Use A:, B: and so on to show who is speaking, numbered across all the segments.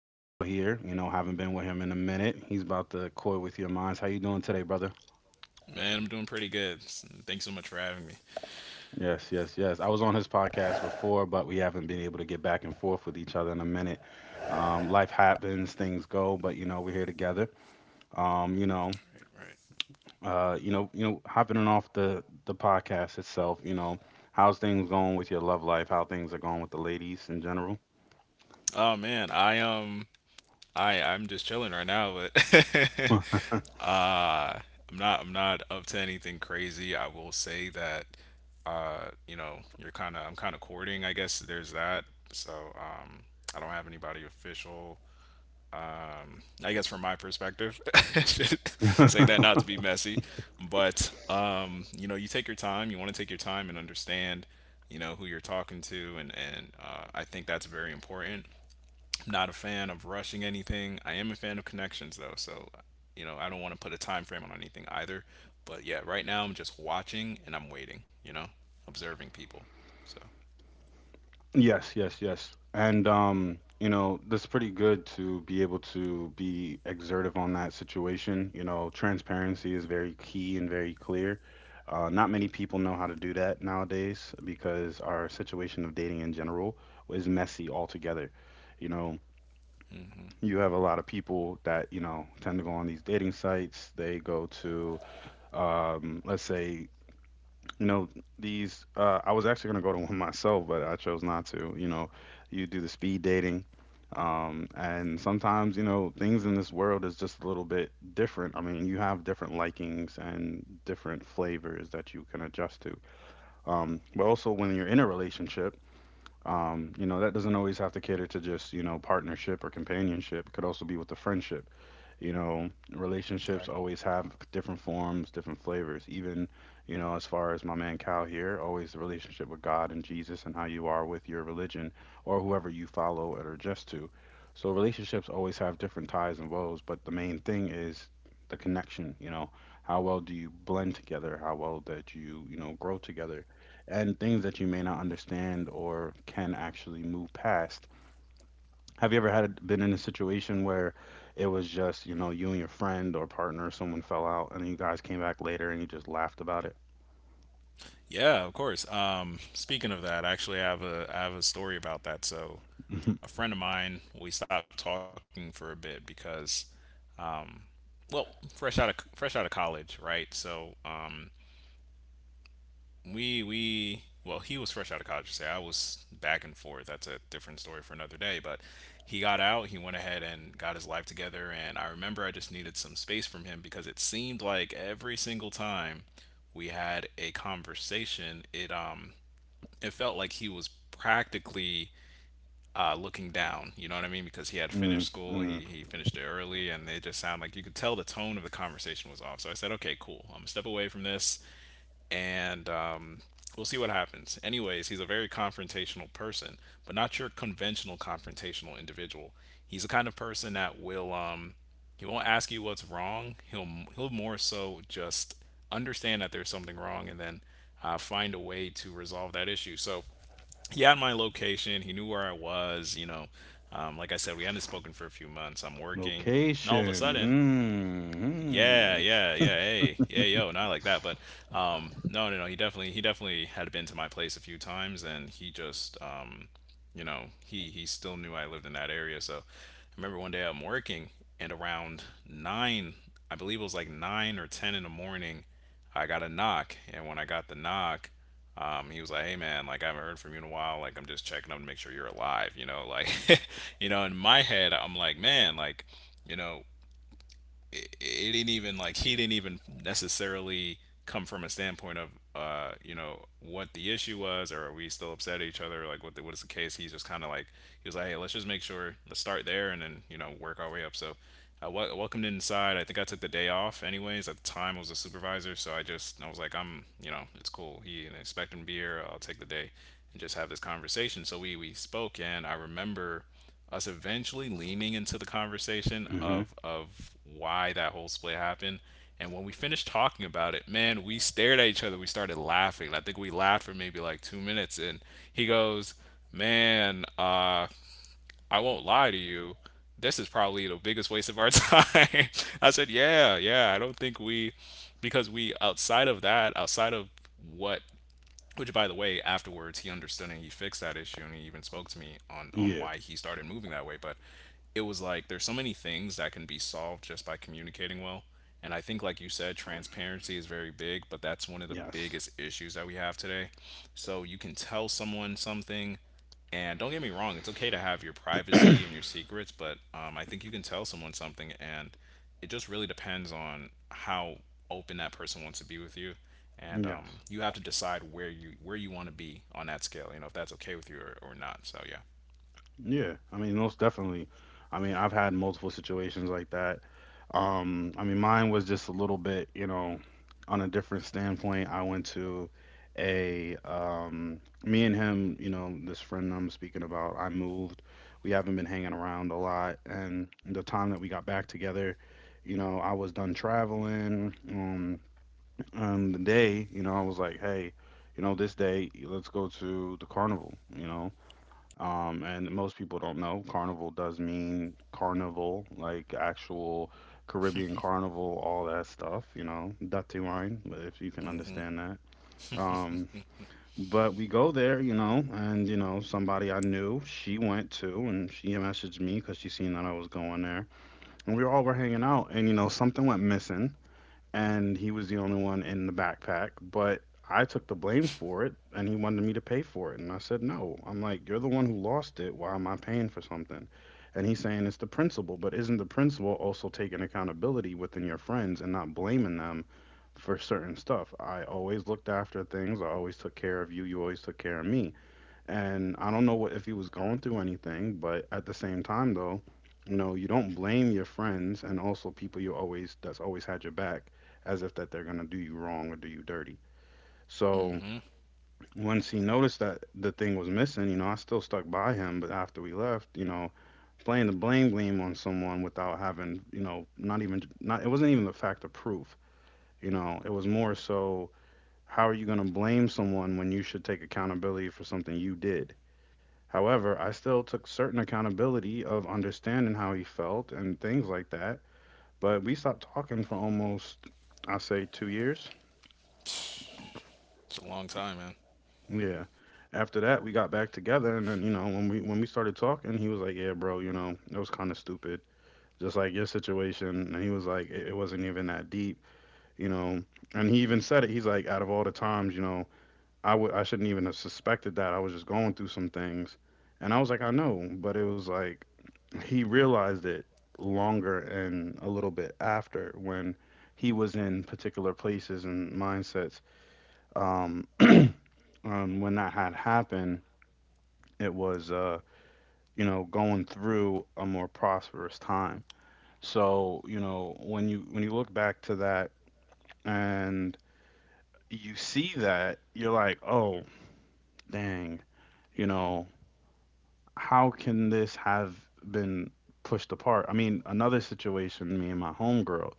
A: Cal here. Haven't been with him in a minute. He's about to coy with your minds. How you doing today, brother?
B: Man, I'm doing pretty good. Thanks so much for having me.
A: Yes, yes, yes. I was on his podcast before, but we haven't been able to get back and forth with each other in a minute. Life happens, things go, but we're here together. Um, you know,
B: Right, right.
A: Hopping on off the podcast itself. How's things going with your love life? How things are going with the ladies in general?
B: Oh man, I I'm just chilling right now, but uh I'm not up to anything crazy. I will say that you know, you're kind of I'm kind of courting, I guess there's that. So, I don't have anybody official I guess from my perspective, say that not to be messy, but you know, you take your time. You want to take your time and understand, you know, who you're talking to, and and I think that's very important. I'm not a fan of rushing anything. I am a fan of connections though, so you know, I don't want to put a time frame on anything either. But yeah, right now I'm just watching and I'm waiting. You know, observing people. So.
A: Yes, yes, yes. And that's pretty good to be able to be exertive on that situation. You know, transparency is very key and very clear. Not many people know how to do that nowadays because our situation of dating in general is messy altogether. You know,
B: Hmm.
A: you have a lot of people that, tend to go on these dating sites. They go to let's say you know, I was actually going to go to one myself, but I chose not to. You do the speed dating. And sometimes, things in this world is just a little bit different. I mean, you have different likings and different flavors that you can adjust to. But also, when you're in a relationship, that doesn't always have to cater to just, partnership or companionship. It could also be with a friendship. You know, relationships
B: Right.
A: always have different forms, different flavors. Even, as far as my man Cal here, always the relationship with God and Jesus and how you are with your religion or whoever you follow or adjust to. So relationships always have different ties and woes, but the main thing is the connection, how well do you blend together? How well that you grow together? And things that you may not understand or can actually move past. Have you ever had been in a situation where it was just, you and your friend or partner, someone fell out, and you guys came back later and you just laughed about it?
B: Yeah, of course. Speaking of that, I actually have a I have a story about that. So, a friend of mine, we stopped talking for a bit because, well, fresh out of college, right? So, we well, he was fresh out of college. Say I was back and forth. That's a different story for another day. But he got out. He went ahead and got his life together. And I remember I just needed some space from him because it seemed like every single time we had a conversation, it it felt like he was practically looking down. You know what I mean? Because he had
A: Mm,
B: finished school,
A: mm.
B: he finished it early, and they just sound like you could tell the tone of the conversation was off. So I said, okay, cool. I'm gonna step away from this, and we'll see what happens. Anyways, he's a very confrontational person, but not your conventional confrontational individual. He's the kind of person that will he won't ask you what's wrong. He'll more so just understand that there's something wrong and then find a way to resolve that issue. So he had my location. He knew where I was. You know, like I said, we hadn't spoken for a few months. I'm working, and all of a
A: Location.
B: sudden, yeah,
A: Hmm.
B: yeah, yeah. Hey,
A: Hmm.
B: yeah, yo, not like that, but no, no, no. He definitely had been to my place a few times, and he just, you know, he still knew I lived in that area. So I remember one day I'm working, and around 9, I believe it was like 9 or 10 in the morning, I got a knock, and when I got the knock, he was like, "Hey man, like I haven't heard from you in a while. Like I'm just checking up to make sure you're alive." You know, like, you know, in my head, I'm like, "Man, like, you know, it didn't even like he didn't even necessarily come from a standpoint of you know what the issue was, or are we still upset at each other, like what what is the case. He's just kind of like he was like, hey, let's just make sure, let's start there, and then you know, work our way up." So I welcomed him inside. I think I took the day off anyways. At the time I was a supervisor, so I was like, I'm, you know, it's cool, he and I expect him to be here, I'll take the day and just have this conversation. So we spoke, and I remember us eventually leaning into the conversation
A: Mhm.
B: of why that whole split happened. And when we finished talking about it, man, we stared at each other. We started laughing. I think we laughed for maybe like 2 minutes. And he goes, "Man, I won't lie to you. This is probably the biggest waste of our time." I said, "Yeah, yeah. I don't think we, because we outside of that, outside of what, which, by the way, afterwards he understood and he fixed that issue, and he even spoke to me on
A: Yeah.
B: why he started moving that way." But it was like there's so many things that can be solved just by communicating well. And I think, like you said, transparency is very big, but that's one of the
A: Yes.
B: biggest issues that we have today. So you can tell someone something, and don't get me wrong, it's okay to have your privacy and your secrets, but I think you can tell someone something, and it just really depends on how open that person wants to be with you, and
A: Yes.
B: you have to decide where you want to be on that scale. You know, if that's okay with you or not. So yeah.
A: Yeah, I mean, most definitely. I mean, I've had multiple situations like that. I mean, mine was just a little bit, on a different standpoint. I went to me and him, this friend I'm speaking about, I moved. We haven't been hanging around a lot. And the time that we got back together, I was done traveling. And the day, I was like, hey, this day, let's go to the carnival, and most people don't know carnival does mean carnival, like actual Caribbean carnival, all that stuff, dirty wine, but if you
B: Hmm.
A: can understand that. Um, but we go there, and somebody I knew, she went too, and she messaged me because she seen that I was going there, and we all were hanging out, and something went missing, and he was the only one in the backpack, but I took the blame for it and he wanted me to pay for it. And I said, no. I'm like, you're the one who lost it. Why am I paying for something? And he's saying it's the principal, but isn't the principal also taking accountability within your friends and not blaming them for certain stuff? I always looked after things. I always took care of you. You always took care of me and I don't know what if he was going through anything, but at the same time though, you don't blame your friends and also people you always that's always had your back as if that they're gonna do you wrong or do you dirty. So
B: Mm-hmm.
A: once he noticed that the thing was missing, I still stuck by him, but after we left, playing the blame game on someone without having, not even not it wasn't even the fact of proof, it was more so how are you gonna blame someone when you should take accountability for something you did? However, I still took certain accountability of understanding how he felt and things like that. But we stopped talking for almost, I say, 2 years.
B: It's a long time,
A: Yeah. After that, we got back together, and then when we started talking, he was like, "Yeah, bro, it was kind of stupid, just like your situation." And he was like, "It wasn't even that deep, you know." And he even said it. He's like, "Out of all the times, I shouldn't even have suspected that. I was just going through some things. And I was like, I know, but it was like he realized it longer and a little bit after when he was in particular places and mindsets. Um, when that had happened, it was going through a more prosperous time. So, when you look back to that and you see that, you're like, oh, dang, you know, how can this have been pushed apart? I mean, another situation, me and my homegirl,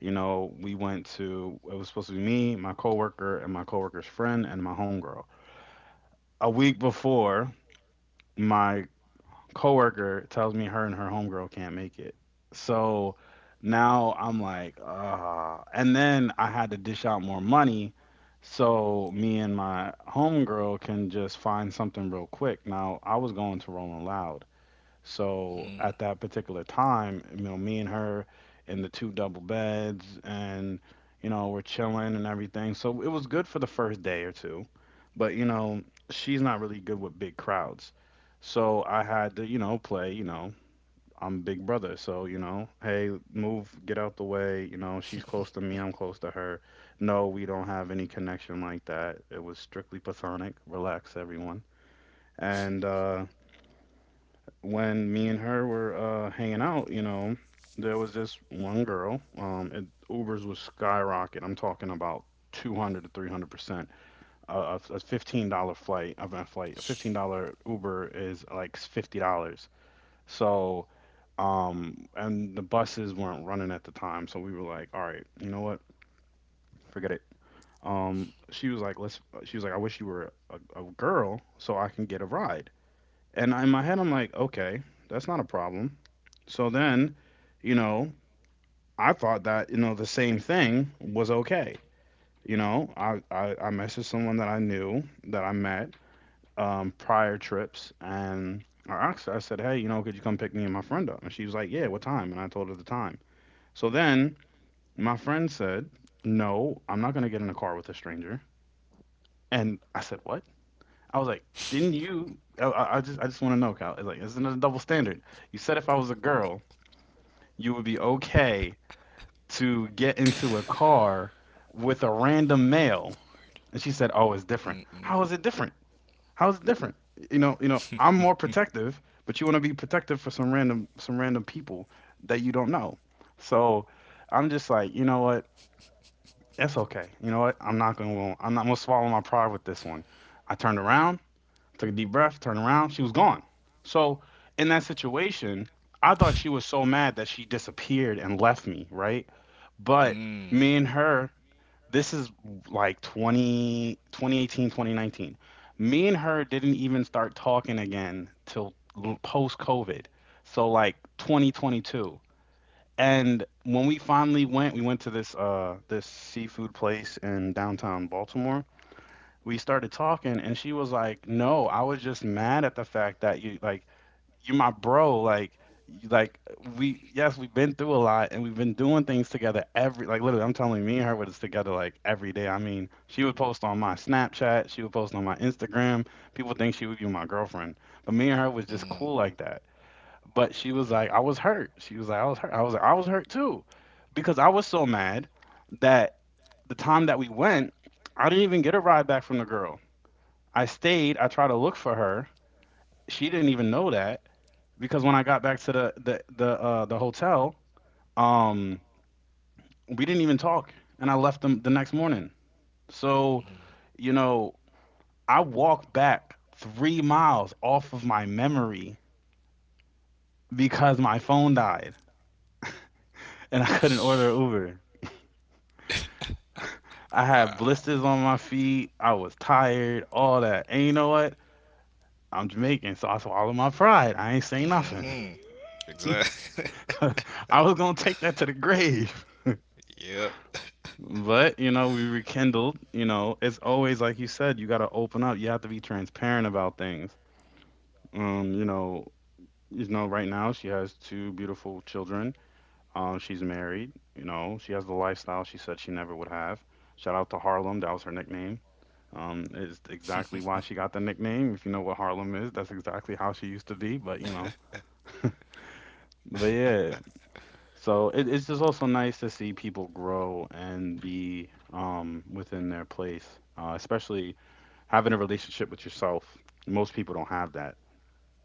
A: it was supposed to be me, my coworker, and my coworker's friend, and my homegirl. A week before, my coworker tells me her and her homegirl can't make it. So now I'm like, ah. And then I had to dish out more money so me and my homegirl can just find something real quick. Now I was going to Rolling Loud so at
B: man.
A: that particular time, me and her in the two double beds and we're chilling and everything. So it was good for the first day or two. But she's not really good with big crowds. So I had to, play, I'm big brother. So, hey, move, get out the way, she's close to me, I'm close to her. No, we don't have any connection like that. It was strictly platonic. Relax, everyone. And when me and her were hanging out, there was this one girl. Ubers was skyrocket. I'm talking about 200 to 300%. A $15 flight of a flight, a $15 Uber is like $50. So, and the buses weren't running at the time, so we were like, all right, you know what, forget it. She was like, let's. She was like, I wish you were a girl so I can get a ride. And in my head, I'm like, okay, that's not a problem. So then, you know, I thought that, the same thing was okay. I messaged someone that I knew that I met prior trips and I asked her, I said, hey, could you come pick me and my friend up? And she was like, yeah, what time? And I told her the time. So then my friend said, no, I'm not going to get in a car with a stranger. And I said, what? I was like, didn't you? I just want to know, Kyle. It's like, isn't it a double standard? You said if I was a girl, you would be okay to get into a car with a random male, and she said, oh, it's different.
B: Mm.
A: How is it different? How is it different? I'm more protective, but you want to be protective for some random people that you don't know. So I'm just like, you know what? It's okay. You know what? I'm not gonna swallow my pride with this one. I turned around, took a deep breath, turned around, she was gone. So in that situation, I thought she was so mad that she disappeared and left me, right? But
B: Mm.
A: me and her, this is like 20, 2018, 2019. Me and her didn't even start talking again till post COVID. So like 2022. And when we finally went, we went to this this seafood place in downtown Baltimore. We started talking and she was like, "No, I was just mad at the fact that you like, you are my bro, like you- like we, yes, we've been through a lot and we've been doing things together every, like, literally, I'm telling you, me and her was together like every day. I mean, she would post on my Snapchat, she would post on my Instagram. People think she would be my girlfriend, but me and her was
B: Mm.
A: just
B: Mm.
A: cool like that." But she was
B: Yeah.
A: like, "I was hurt." She was like, "I was hurt." I was like, "I was hurt too, because I was so mad that the time that we went, I didn't even get a ride back from the girl." I stayed. I tried to look for her. She didn't even know that, because when I got back to the the hotel, um, we didn't even talk, and I left them the next morning. So, you know, I walked back 3 miles off of my memory because my phone died and I couldn't order
B: Mm.
A: Uber. I had
B: Wow.
A: blisters on my feet. I was tired, all that. And you know what? I'm Jamaican, so I swallowed my pride. I ain't saying nothing.
B: Mm-hmm. Exactly.
A: I was gonna take that to the grave.
B: Yep.
A: But, you know, we rekindled. You know, it's always like you said, you got to open up. You have to be transparent about things. You know, right now she has two beautiful children. She's married, you know, she has the lifestyle she said she never would have. Shout out to Harlem, that was her nickname. Is exactly why she got the nickname. If you know what Harlem is, that's exactly how she used to be. But, you know, but yeah. So it's just also nice to see people grow and be within their place, especially having a relationship with yourself. Most people don't have that.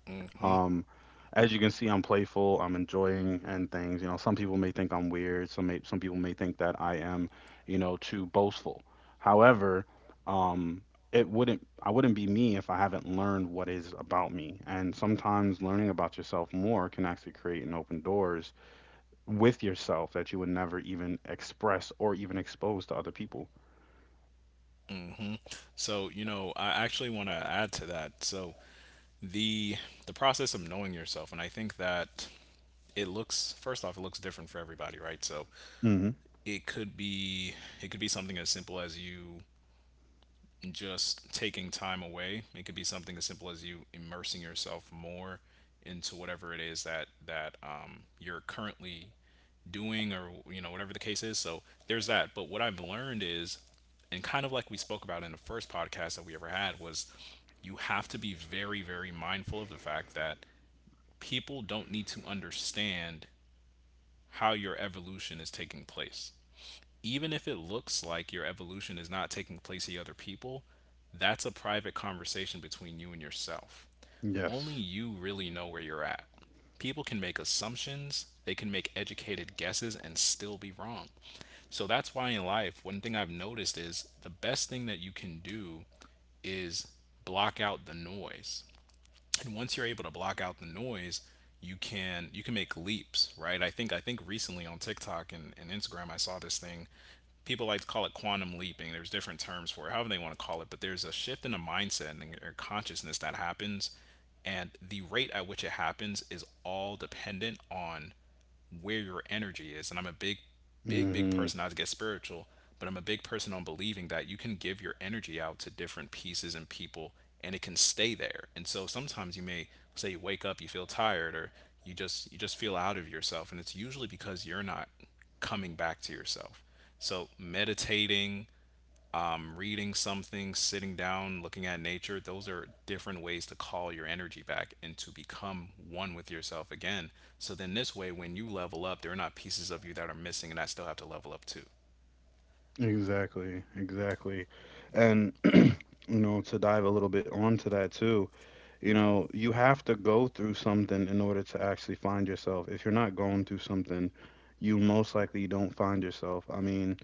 B: Mm-hmm.
A: Um, as you can see, I'm playful. I'm enjoying and things. You know, some people may think I'm weird. Some people may think that I am, you know, too boastful. However, um, it wouldn't I wouldn't be me if I haven't learned what is about me. And sometimes learning about yourself more can actually create and open doors with yourself that you would never even express or even expose to other people.
B: Mm-hmm. So, you know, I actually want to add to that. So, the the process of knowing yourself, and I think that it looks first off, it looks different for everybody, right? So,
A: Hmm.
B: it could be it could be something as simple as you just taking time away. It could be something as simple as you immersing yourself more into whatever it is that you're currently doing, or you know, whatever the case is. So there's that. But what I've learned is, and kind of like we spoke about in the first podcast that we ever had, was you have to be very mindful of the fact that people don't need to understand how your evolution is taking place, even if it looks like your evolution is not taking place in other people, that's a private conversation between you and yourself. Only
A: Yes.
B: you really know where you're at. People can make assumptions, they can make educated guesses and still be wrong. So that's why in life, one thing I've noticed is the best thing that you can do is block out the noise. And once you're able to block out the noise, you can make leaps, right? I think recently on TikTok and Instagram, I saw this thing. People like to call it quantum leaping. There's different terms for it, however they want to call it, but there's a shift in the mindset and your consciousness that happens. And the rate at which it happens is all dependent on where your energy is. And I'm a big, big
A: Hmm.
B: person. I get spiritual, but I'm a big person on believing that you can give your energy out to different pieces and people, and it can stay there. And so sometimes you may say you wake up, you feel tired, or you just feel out of yourself, and it's usually because you're not coming back to yourself. So meditating, reading something, sitting down, looking at nature, those are different ways to call your energy back and to become one with yourself again. So then, this way, when you level up, there are not pieces of you that are missing, and I still have to level up too.
A: Exactly, exactly.
B: Yeah.
A: And, you know, to dive a little bit onto that too, you know, you have to go through something in order to actually find yourself. If you're not going through something, you most likely don't find yourself. I mean,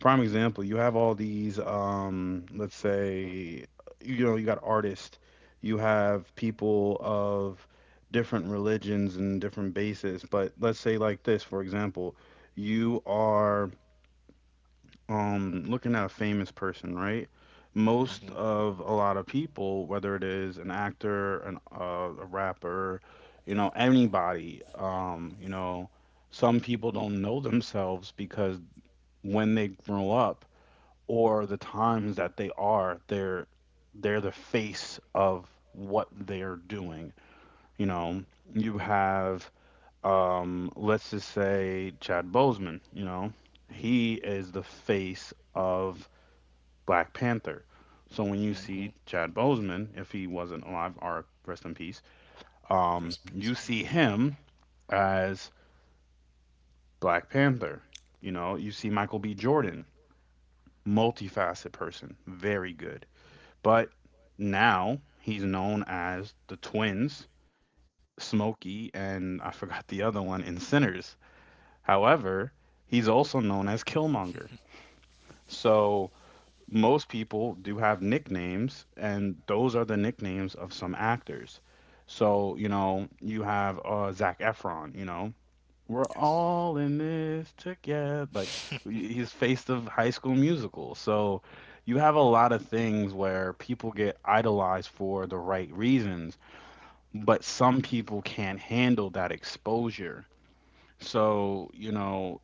A: prime example, you have all these, let's say, you know, you got artists, you have people of different religions and different bases. But let's say like this, for example, you are looking at a famous person, right? Most
B: Mm-hmm.
A: of, a lot of people, whether it is an actor, an a rapper, you know, anybody, you know, some people don't know themselves because when they grow up or the times that they are, they're the face of what they're doing, you know. You have let's just say, Chad Bozeman. You know, he is the face of Black Panther. So when you
B: Mm-hmm.
A: see Chad Bozeman, if he wasn't alive, or rest in peace, you
B: Recipes, yeah.
A: see him as Black Panther. You know, you see Michael B. Jordan, multifaceted person, very good. But now he's known as the twins, Smokey, and I forgot the other one in Sinners. However, he's also known as Killmonger. So most people do have nicknames, and those are the nicknames of some actors. So, you know, you have Zac Efron. You know, we're
B: Yes.
A: all in this together. Like, he's face of High School Musical. So, you have a lot of things where people get idolized for the right reasons, but some people can't handle that exposure. So, you know,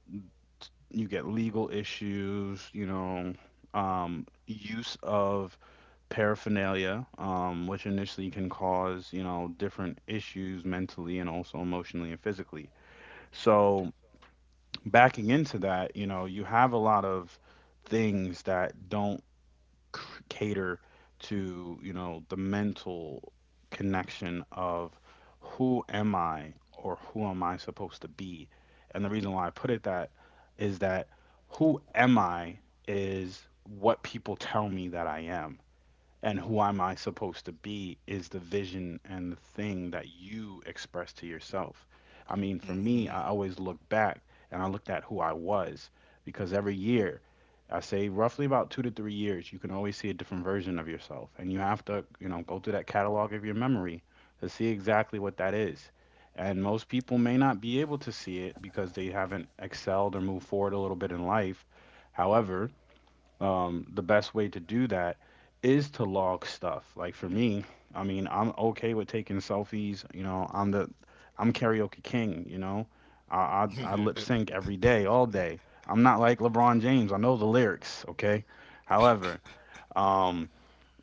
A: you get legal issues, you know, use of paraphernalia, which initially can cause, you know, different issues mentally and also emotionally and physically. So, backing into that, you know, you have a lot of things that don't c- cater to, you know, the mental connection of who am I or who am I supposed to be? And the reason why I put it that is that who am I is what people tell me that I am, and who am I supposed to be is the vision and the thing that you express to yourself. I mean, for me, I always look back and I looked at who I was because every year, I say roughly about 2 to 3 years, you can always see a different version of yourself. And you have to, you know, go through that catalog of your memory to see exactly what that is. And most people may not be able to see it because they haven't excelled or moved forward a little bit in life. However, the best way to do that is to log stuff. Like, for me, I mean, I'm okay with taking selfies. You know, I'm karaoke king. You know, I lip sync every day, all day. I'm not like LeBron James. I know the lyrics. Okay. However, um,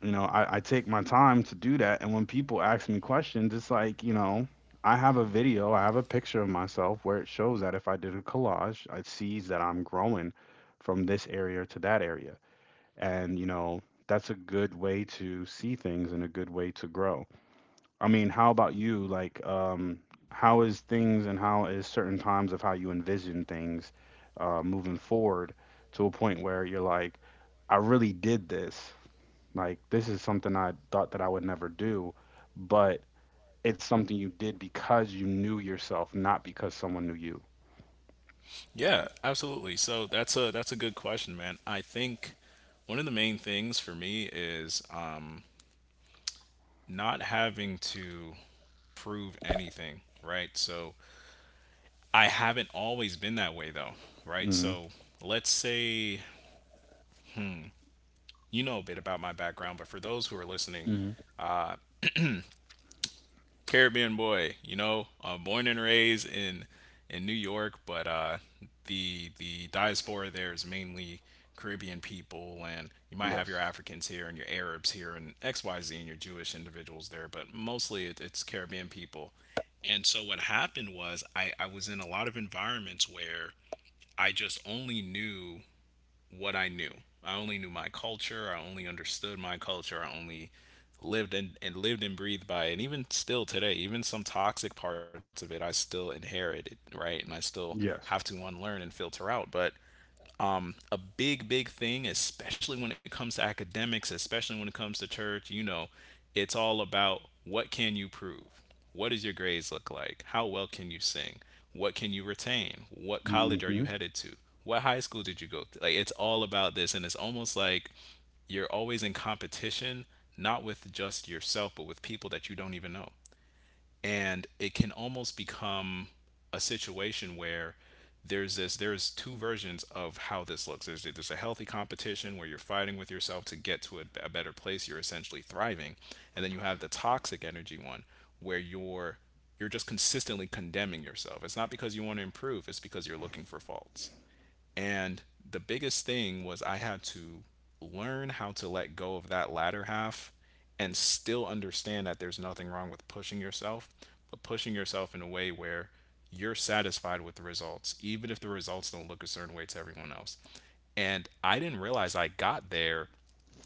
A: you know, I take my time to do that. And when people ask me questions, it's like, you know, I have a video, I have a picture of myself where it shows that if I did a collage, it sees that I'm growing from this area to that area. And, you know, that's a good way to see things and a good way to grow. I mean, how about you? Like, how is things and how is certain times of how you envision things moving forward to a point where you're like, I really did this. Like, this is something I thought that I would never do, but it's something you did because you knew yourself, not because someone knew you.
B: Yeah, absolutely. So that's a good question, man. I think one of the main things for me is not having to prove anything, right? So I haven't always been that way, though, right?
A: Hmm.
B: So let's say you know a bit about my background, but for those who are listening,
A: Hmm.
B: uh, Caribbean boy, you know, born and raised in New York, but the diaspora there is mainly Caribbean people, and you might have your
A: Yes.
B: Africans here and your Arabs here and XYZ and your Jewish individuals there, but mostly it's Caribbean people. And so what happened was I was in a lot of environments where I just only knew what I knew. I only knew my culture. I only understood my culture. I only lived and lived and breathed by it. And even still today, even some toxic parts of it, I still inherit it, right? And I still have
A: Yes.
B: to unlearn and filter out. But a big, big thing, especially when it comes to academics, especially when it comes to church. You know, it's all about what can you prove? What does your grades look like? How well can you sing? What can you retain? What college are you
A: Hmm.
B: headed to? What high school did you go to? Like, it's all about this. And it's almost like you're always in competition, not with just yourself, but with people that you don't even know. And it can almost become a situation where there's two versions of how this looks. There's a healthy competition where you're fighting with yourself to get to a better place. You're essentially thriving. And then you have the toxic energy one where you're just consistently condemning yourself. It's not because you want to improve, it's because you're looking for faults. And the biggest thing was I had to learn how to let go of that latter half and still understand that there's nothing wrong with pushing yourself, but pushing yourself in a way where you're satisfied with the results, even if the results don't look a certain way to everyone else. And I didn't realize I got there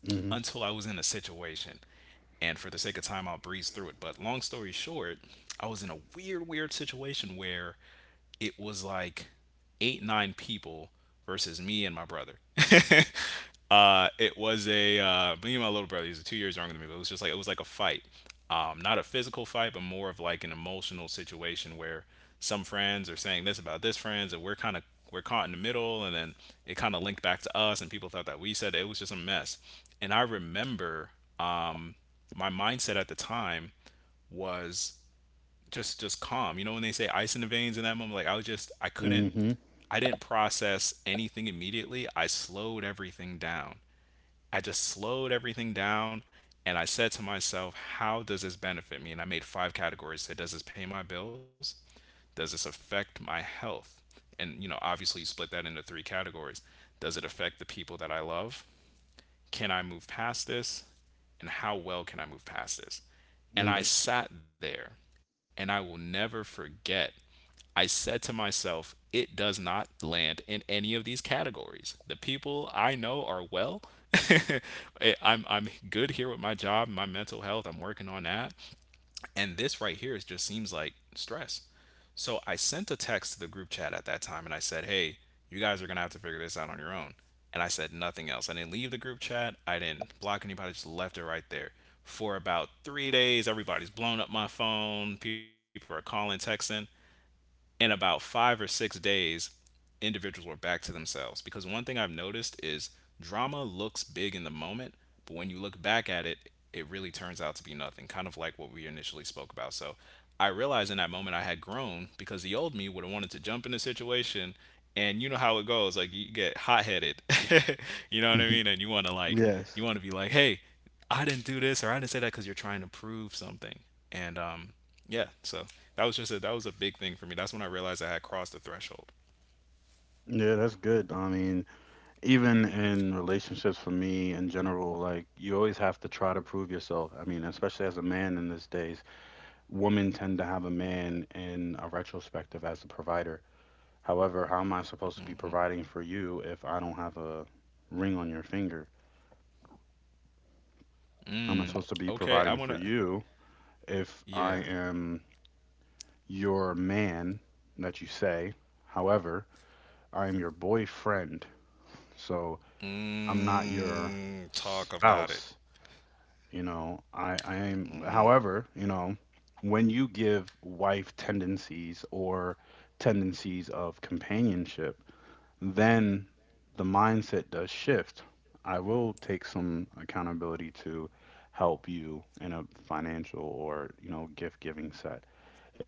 A: Hmm.
B: until I was in a situation, and for the sake of time I'll breeze through it. But long story short, I was in a weird, weird situation where it was like eight, nine people versus me and my brother. It was a Me and my little brother. He's 2 years younger than me, but it was like a fight. Not a physical fight, but more of like an emotional situation where some friends are saying this about this friends, and we're kind of we're caught in the middle, and then it kind of linked back to us, and people thought that we said it. It was just a mess. And I remember um, my mindset at the time was just calm. You know when they say ice in the veins in that moment, like I was just I couldn't
A: Hmm.
B: I didn't process anything immediately. I slowed everything down. I just slowed everything down and I said to myself, how does this benefit me? And I made five categories. I said, does this pay my bills? Does this affect my health? And you know, obviously you split that into three categories. Does it affect the people that I love? Can I move past this? And how well can I move past this? And I
A: Yes.
B: sat there and I will never forget. I said to myself, it does not land in any of these categories. The people I know are well. I'm good here with my job, my mental health. I'm working on that. And this right here is just seems like stress. So I sent a text to the group chat at that time and I said, hey, you guys are going to have to figure this out on your own. And I said nothing else. I didn't leave the group chat. I didn't block anybody. Just left it right there. For about 3 days, everybody's blown up my phone. People are calling, texting in about 5 or 6 days, individuals were back to themselves. Because one thing I've noticed is drama looks big in the moment, but when you look back at it, it really turns out to be nothing, kind of like what we initially spoke about. So I realized in that moment I had grown because the old me would have wanted to jump in the situation. And you know how it goes. Like, you get hot headed. You know what I mean? And you
A: Yes.
B: want to be like, hey, I didn't do this or I didn't say that because you're trying to prove something. And yeah, so that was just a that was a big thing for me. That's when I realized I had crossed the threshold.
A: Yeah, that's good. I mean, even in relationships for me in general, like, you always have to try to prove yourself. I mean, especially as a man in these days, women tend to have a man in a retrospective as a provider. However, how am I supposed to be
B: Mm-hmm.
A: providing for you if I don't have a ring on your finger? How am I supposed
B: mm,
A: to be providing
B: okay, I
A: for
B: want to.
A: you if I
B: Yeah.
A: am your man that you say? However, I am your boyfriend. So I'm not your
B: Talk
A: spouse,
B: about it.
A: you know. I am,
B: Mm.
A: however, you know, when you give wife tendencies or tendencies of companionship, then the mindset does shift. I will take some accountability to help you in a financial or, you know, gift-giving set.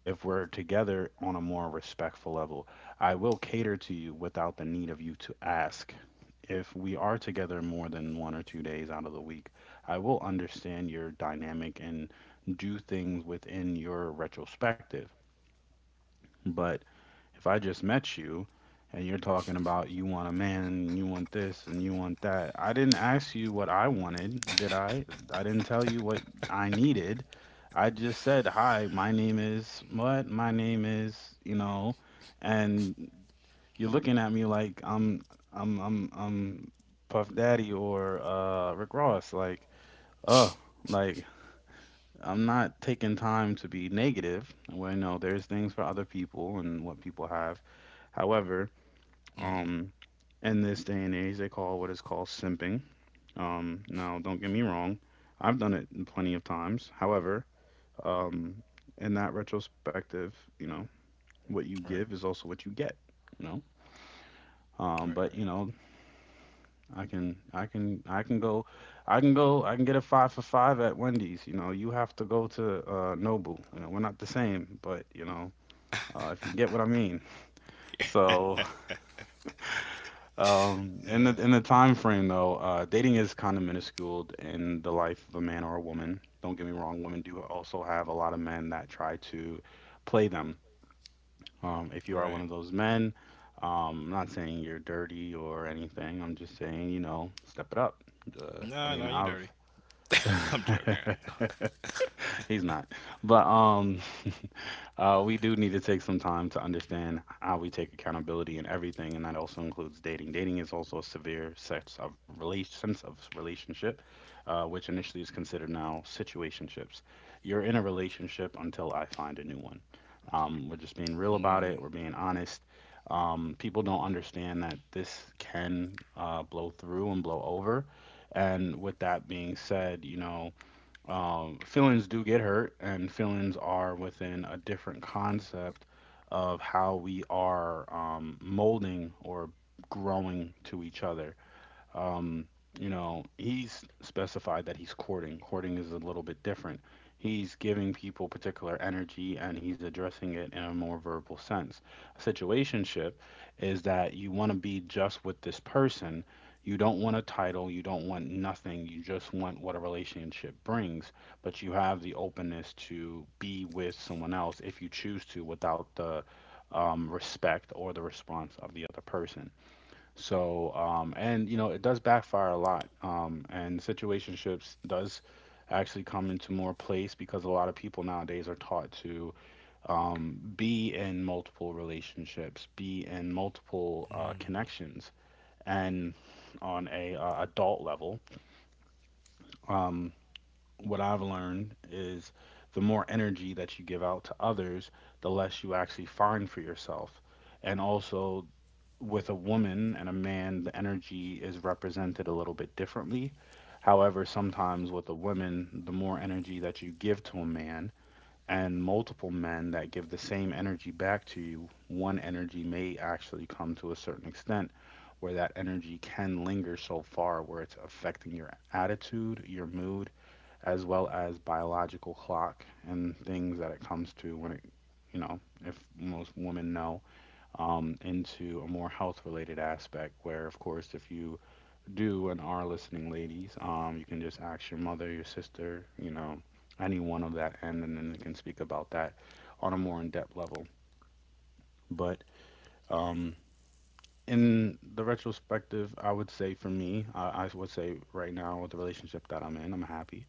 A: If we're together on a more respectful level, I will cater to you without the need of you to ask. If we are together more than 1 or 2 days out of the week, I will understand your dynamic and do things within your retrospective. But if I just met you and you're talking about you want a man and you want this and you want that, I didn't ask you what I wanted, did I? I didn't tell you what I needed. I just said, "Hi, my name is what? My name is, you know." And you're looking at me like I'm I'm Puff Daddy or Rick Ross, "Uh, like I'm not taking time to be negative." Well, you know, there's things for other people and what people have. However,
B: Mm-hmm.
A: um, in this day and age, they call what is called simping. Now, don't get me wrong, I've done it plenty of times. However, um, in that retrospective, you know, what you give is
B: Right,
A: also what you get. You know, but you
B: right,
A: know, I can go, I can get a five for five at Wendy's. You know, you have to go to Nobu. You know, we're not the same, but you know, if you get what I mean. So,
B: right.
A: in the
B: Yeah.
A: time frame though, dating is kind of minuscule in the life of a man or a woman. Don't get me wrong, women do also have a lot of men that try to play them. Um, if you are one of
B: Right.
A: those men, um, I'm not saying you're dirty or anything. I'm just saying, you know, step it up. I mean,
B: No, no, you
A: I've
B: dirty. I'm joking.
A: he's not. But we do need to take some time to understand how we take accountability in everything, and that also includes dating. Dating is also a severe sense of sense of relationship, uh, which initially is considered now situationships. You're in a relationship until I find a new one. Um, we're just being real about it. We're
B: Mm.
A: being honest. Um, people don't understand that this can blow through and blow over. And with that being said, you know, feelings do get hurt, and feelings are within a different concept of how we are molding or growing to each other. Um, you know, he's specified that he's courting. Courting is a little bit different. He's giving people particular energy and he's addressing it in a more verbal sense. A situationship is that you want to be just with this person. You don't want a title, you don't want nothing, you just want what a relationship brings, but you have the openness to be with someone else if you choose to without the respect or the response of the other person. So, and you know, it does backfire a lot. And situationships does actually come into more place because a lot of people nowadays are taught to be in multiple relationships, be in multiple
B: Hmm.
A: connections, and on a adult level, um, what I've learned is the more energy that you give out to others, the less you actually find for yourself. And also, with a woman and a man, the energy is represented a little bit differently. However, sometimes with a woman, the more energy that you give to a man and multiple men that give the same energy back to you, one energy may actually come to a certain extent where that energy can linger so far where it's affecting your attitude, your mood, as well as biological clock and things that it comes to when it, you know, if most women know into a more health related aspect where of course if you do and are listening, ladies, you can just ask your mother, your sister, you know, anyone of that end, and then they can speak about that on a more in-depth level. But um, in the retrospective, I would say for me, I would say right now with the relationship that I'm in, I'm happy.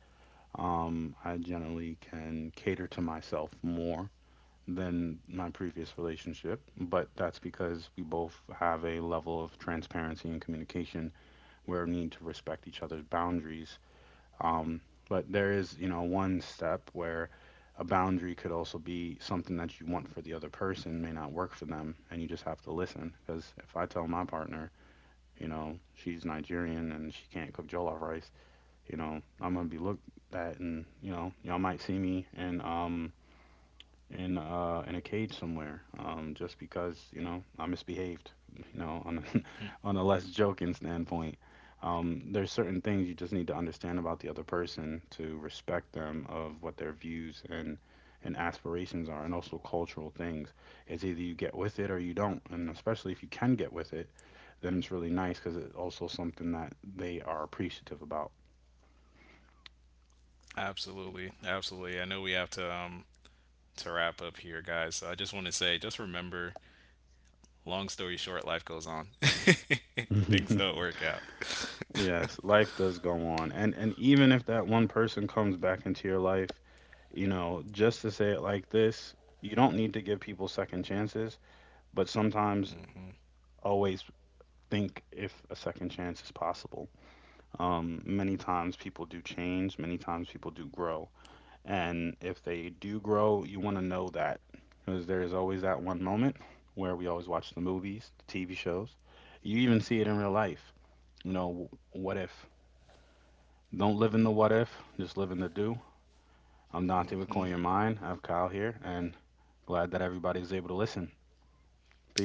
A: I generally can cater to myself more than my previous relationship, but that's because we both have a level of transparency and communication where we need to respect each other's boundaries. Um, but there is, one step where a boundary could also be something that you want for the other person may not work for them, and you just have to listen. Because if I tell my partner, you know, she's Nigerian and she can't cook jollof rice, you know, I'm gonna be looked at, and you know, y'all might see me and in a cage somewhere just because, you know, I misbehaved, on a, on a less joking standpoint. There's certain things you just need to understand about the other person, to respect them of what their views and aspirations are, and also cultural things. It's either you get with it or you don't, and especially if you can get with it, then it's really nice because it's also something that they are appreciative about.
B: Absolutely, absolutely. I know we have to wrap up here, guys. So I just want to say, just remember long story short, life goes on. Things don't work out.
A: Yes, life does go on. And even if that one person comes back into your life, you know, just to say it like this, you don't need to give people second chances, but sometimes
B: Hmm.
A: always think if a second chance is possible. Many times people do change, many times people do grow. And if they do grow, you want to know that, because there's always that one moment where we always watch the movies, the TV shows. You even see it in real life. You know, what if? Don't live in the what if, just live in the do. I'm Dante with
B: Hmm.
A: Coin Your Mind. I have Kyle here, and glad that everybody was able to listen.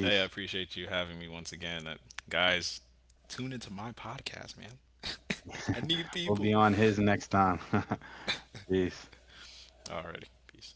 B: Hey, I appreciate you having me once again. Guys, tune into my podcast, man. I need
A: We'll be
B: people.
A: on his next time. Peace.
B: Alrighty. Peace.